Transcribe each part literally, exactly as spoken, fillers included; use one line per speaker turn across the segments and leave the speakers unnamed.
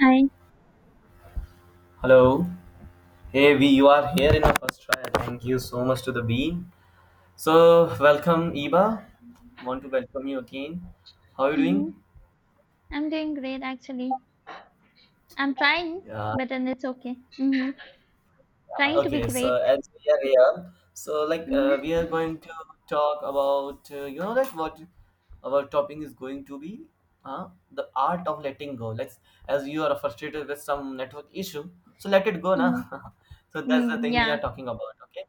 Hi.
Hello. Hey, we you are here in the first try. Thank you so much to the beam. So welcome, Iba. Want to welcome you again. How are you doing?
hmm I'm doing great actually. I'm trying,
Yeah.
but then it's okay. hmm
Yeah.
Trying to be
Okay. So
great.
as we are here, so like uh, we
hmm
are going to talk about uh, you know like what our topic is going to be uh, the art of letting go. Let's As you are frustrated with some network issue, so let it go na.
hmm
So that's the
Mm,
thing we are
yeah.
talking about. Okay?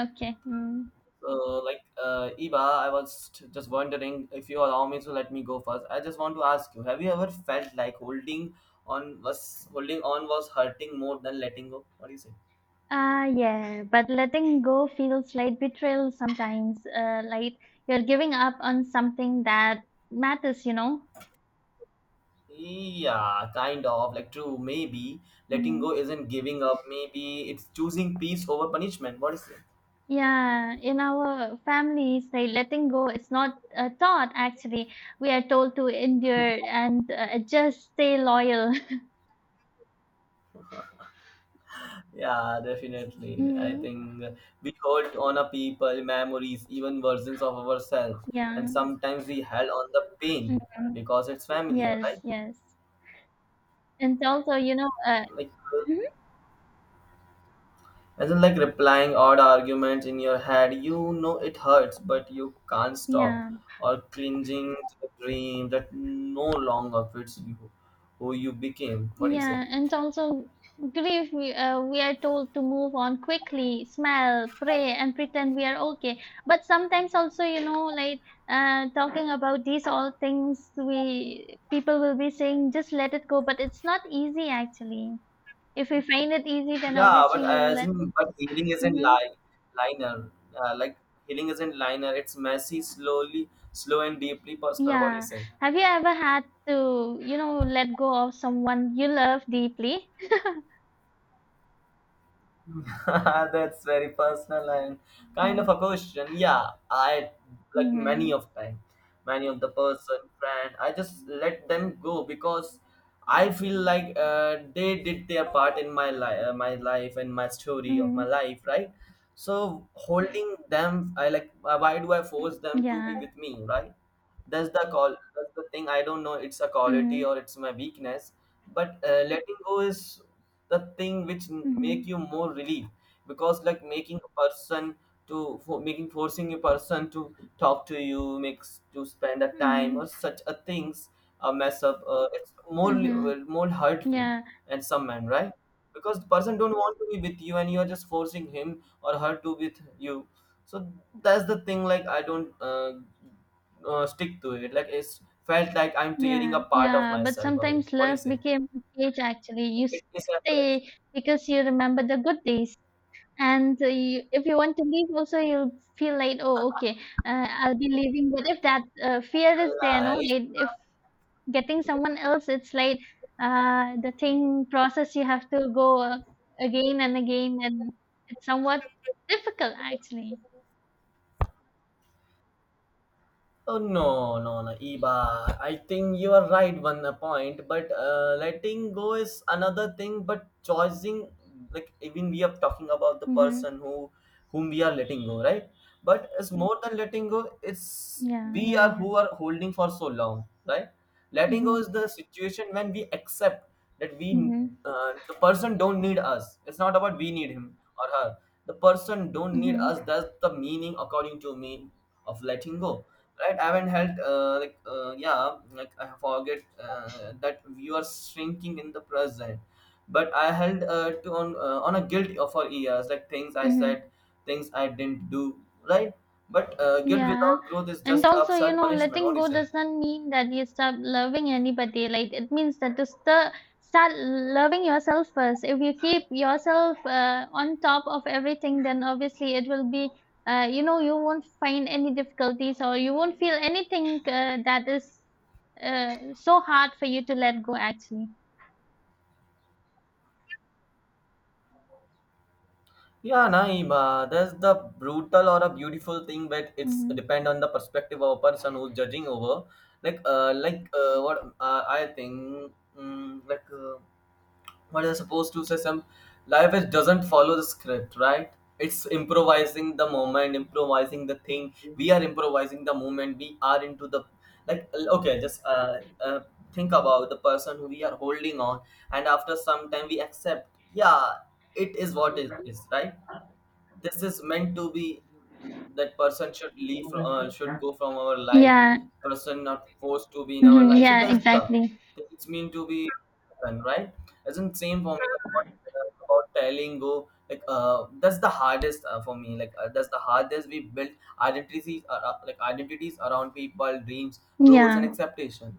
Okay. Mm.
So, like, uh, Eva, I was t- just wondering if you allow me to let me go first. I just want to ask you: Have you ever felt like holding on was holding on was hurting more than letting go? What do you say?
Uh, yeah, but letting go feels like betrayal sometimes. Uh, like you're giving up on something that matters, you know?
Yeah, kind of like true. Maybe letting
hmm
go isn't giving up. Maybe it's choosing peace over punishment. What do you say?
Yeah, in our families, like letting go is not a thought actually. We are told to endure and uh, just stay loyal.
Yeah, definitely. I
hmm
think we hold on a people, memories, even versions of ourselves, and
Yeah.
sometimes we held on the pain because it's familiar,
Yes,
right?
yes. And also, you know, uh,
Like,
mhm.
as in, like replying odd arguments in your head, you know it hurts but you can't stop,
Yeah,
or clinging to the dream that no longer fits you, who you became. What do you say?
yeah. And also, grief, we, uh, we are told to move on quickly, smile, pray, and pretend we are okay. But sometimes also, you know, like uh, talking about these all things, we people will be saying, just let it go. But it's not easy, actually. If we find it easy, then
Yeah, but
obviously we'll
as
let it.
in, but healing isn't
Mm-hmm.
li- liner uh, like healing isn't liner, it's messy, slowly, slow and deeply personal. What do you
Yeah.
say?
Have you ever had to, you know, let go of someone you love deeply?
That's very personal and kind
Yeah.
of a question. Yeah, I like many
Mhm.
of time, many of the person friend. I just let them go because I feel like uh, they did their part in my life, uh, my life and my story of my
Mhm.
life, right? So holding them, I like. Uh, Why do I force them to be
Yeah.
with me, right? That's the call. That's the thing. I don't know. It's a quality
Mhm.
or it's my weakness. But uh, letting go is the thing which n- make
Mhm.
you more relieved, because like making a person to for making forcing a person to talk to you makes to spend a time or
Mhm.
such a things, uh, mess up, uh, it's more li- will
Mhm.
more hurt you,
Yeah.
and some men, right? Because the person don't want to be with you and you are just forcing him or her to with you. So that's the thing, like I don't uh, uh, stick to it, like it's felt like I'm tearing
Yeah.
a part of
Yeah. But
myself away.
sometimes
What do
love
you say?
became a cage actually. You s-
It is effort.
stay because you remember the good days. And uh, you, if you want to leave, also you'll feel like, oh, okay, uh, I'll be leaving. But if that uh, fear is there, no,
Life
like if getting someone else, it's like uh, the thing process you have to go uh, again and again, and it's somewhat difficult actually.
Oh no, no, no, Iba. I think you are right one uh, point, but uh, letting go is another thing. But choosing, like even we are talking about the
Mhm.
person who, whom we are letting go, right? But it's more than letting go. It's
Yeah,
we
yeah,
are
yeah.
who are holding for so long, right? Letting go is
Mhm.
the situation when we accept that we,
Mhm.
uh, the person don't need us. It's not about we need him or her. The person don't need
Mhm.
us. That's the meaning, according to me, of letting go, right? I haven't helped, uh, like uh, yeah, like I forget, uh, that you are shrinking in the present, but I held, uh, to on uh, on a guilt for years, like things I said,
Mhm.
things I didn't do, right? But uh, guilt
Yeah.
without growth is
And
just a
also, you
self
know,
punishment. What
letting
do you
go
say?
does not mean that you stop loving anybody. Like it means that to st- start loving yourself first. If you keep yourself uh, on top of everything, then obviously it will be. Uh, you know, you won't find any difficulties or you won't feel anything uh, that is uh, so hard for you to let go. Actually.
Yeah, Naeem, uh, there's the brutal or a beautiful thing, but it's
Mhm.
depend on the perspective of a person who's judging over. Like, uh, like uh, what uh, I think, mm, like. Uh, what you're supposed to say, some life is doesn't follow the script, right? It's improvising the moment, improvising the thing, we are improvising the moment we are into the, like, okay, just uh, uh think about the person who we are holding on, and after some time we accept, yeah, it is what it is, right? This is meant to be, that person should leave from uh, should go from our life.
Yeah.
Person not forced to be in our
Mhm.
life, so
Yeah.
that's the
Exactly.
it's meant to be happen, right? Isn't same for me about telling go, like uh that's the hardest, uh, for me, like uh, that's the hardest. We build identities, uh, uh, like identities around people, dreams, rules and
Yeah.
expectation.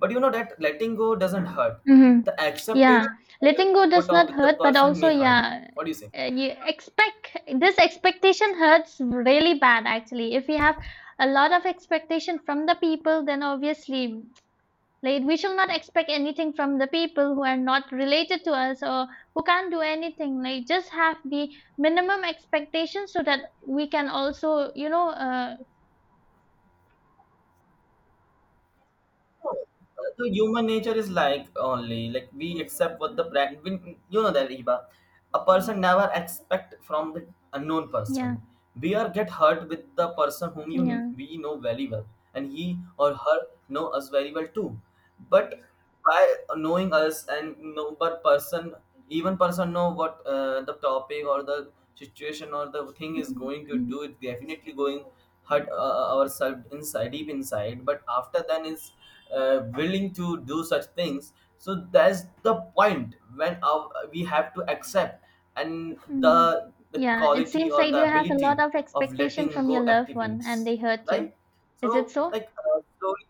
But you know that letting go doesn't hurt,
hmm
the
Yeah,
acceptation, uh,
letting go
put
does
on
not
with the
hurt, but
person
also,
may hurt.
yeah,
What do you say?
uh, you expect this expectation hurts really bad actually. If we have a lot of expectation from the people, then obviously, like, we should not expect anything from the people who are not related to us or who can't do anything. Like, just have the minimum expectation so that we can also, you know, uh,
The human nature is like only like we accept what the brand we, you know that, Iba, a person never expect from the unknown person.
yeah,
We are get hurt with the person whom you
yeah.
we know very well, and he or her know us very well too. But by knowing us and know but person, even person know what, uh, the topic or the situation or the thing is going to
Mhm.
do, it definitely going hurt, uh, uh, ourselves inside, deep inside. But after then is uh, willing to do such things. So that's the point when our, we have to accept, and the
Mm.
the
Yeah, it
quality
seems
or
like
the
you have a
ability
lot of
of
expectation
letting
from your
go
loved one and
activates,
they hurt you.
right?
Is it
So
so?
like, uh, slowly.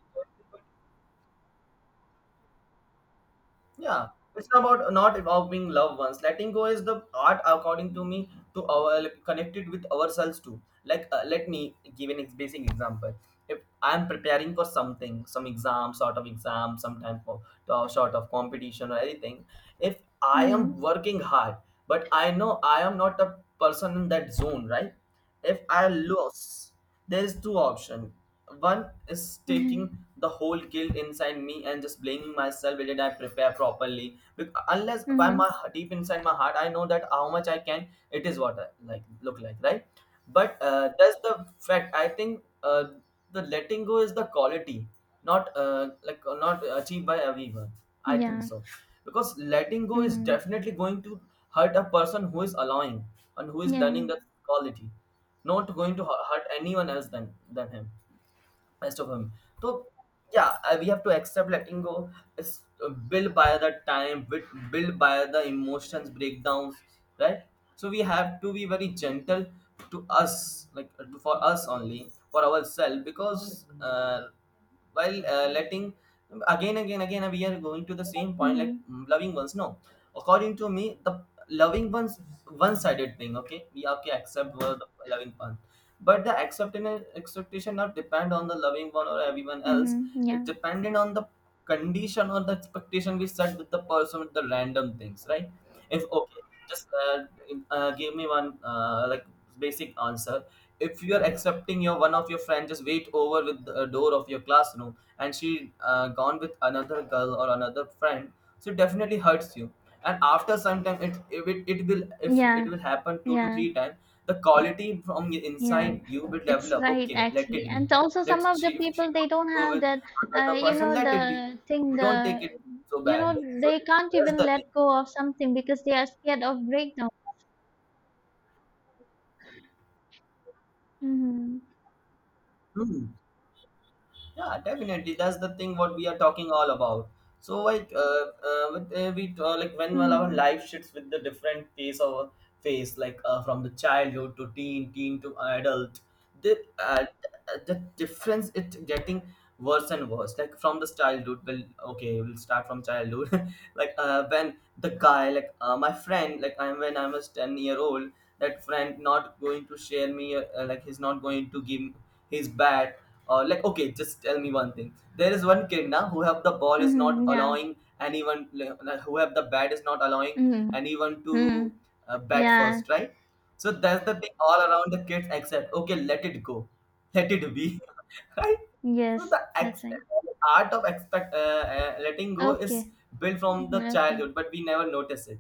Yeah, it's about not about being loved ones. Letting go is the art, according to me, to our like, connected with ourselves too. Like, uh, let me give an ex- basic example. If I'm preparing for something, some exam, sort of exam, sometime for uh, sort of competition or anything, if I
Mm-hmm.
am working hard, but I know I am not a person in that zone, right? If I lose, there is two options. One is taking
Mm-hmm.
the whole guilt inside me and just blaming myself. Did I prepare properly? Because unless by my
Mm-hmm.
deep inside my heart, I know that how much I can. It is what I like look like, right? But uh, that's the fact. I think uh, the letting go is the quality, not uh, like uh, not achieved by everyone, I think
Yeah.
so. Because letting go is
Mm.
definitely going to hurt a person who is allowing and who is
Yeah.
learning that quality, not going to hu- hurt anyone else than than him, rest of him. So yeah, uh, we have to accept letting go. It's uh, built by the time, with built by the emotions breakdowns, right? So we have to be very gentle to us, like uh, to- for us only, for ourselves, because uh, while uh, letting, again, again, again, we are going to the same point, like
Mm-hmm.
mm, loving ones. No, according to me, the loving ones one-sided thing. Okay, we have to accept uh, the loving ones, but the acceptance expectation not depend on the loving one or everyone else.
Mm-hmm.
It
Yeah.
dependent on the condition or the expectation we set with the person with the random things, right? If okay, just uh, uh, give me one uh, like basic answer. If you are accepting your one of your friends just wait over with the door of your classroom, and she uh, gone with another girl or another friend, so it definitely hurts you. And after some time it, if it it will if it
Yeah.
will happen two to
Yeah.
three times, the quality from
Yeah.
inside you will
It's
develop.
right
Okay, let it
actually.
be.
And also some
Let's
of
She,
the
if she
people they
wants to
don't
go
have
with
that uh
another
you
person,
know
let it be.
the thing
Don't take
the
it so
you know
bad. So
they can't
that's
even
the
let
thing.
go of something because they are scared of breakdown. Mm-hmm.
Hmm. Yeah, definitely. That's the thing what we are talking all about. So like, uh, uh, with, uh, we uh, like when, well, our
Mm-hmm.
life shifts with the different phase of phase, like uh, from the childhood to teen, teen to adult, the uh, the difference it getting worse and worse. Like from the childhood, well, okay, we'll start from childhood. Like uh, when the guy, like uh, my friend, like I'm when I was ten year old, that friend not going to share me, uh, uh, like he's not going to give his bat. Or like, okay, just tell me one thing, there is one kid now who have the ball is not
Mm-hmm. Yeah.
allowing anyone, like, who have the bat is not allowing
Mm-hmm.
anyone
Mm.
to uh, bat
Yeah,
first, right? So that's the thing all around the kids except okay, let it go, let it be. Right? So
yes,
the ex-
that's right.
art of expect uh, uh, letting go
Okay.
is built from
Mhm,
the
okay.
childhood, but we never notice it.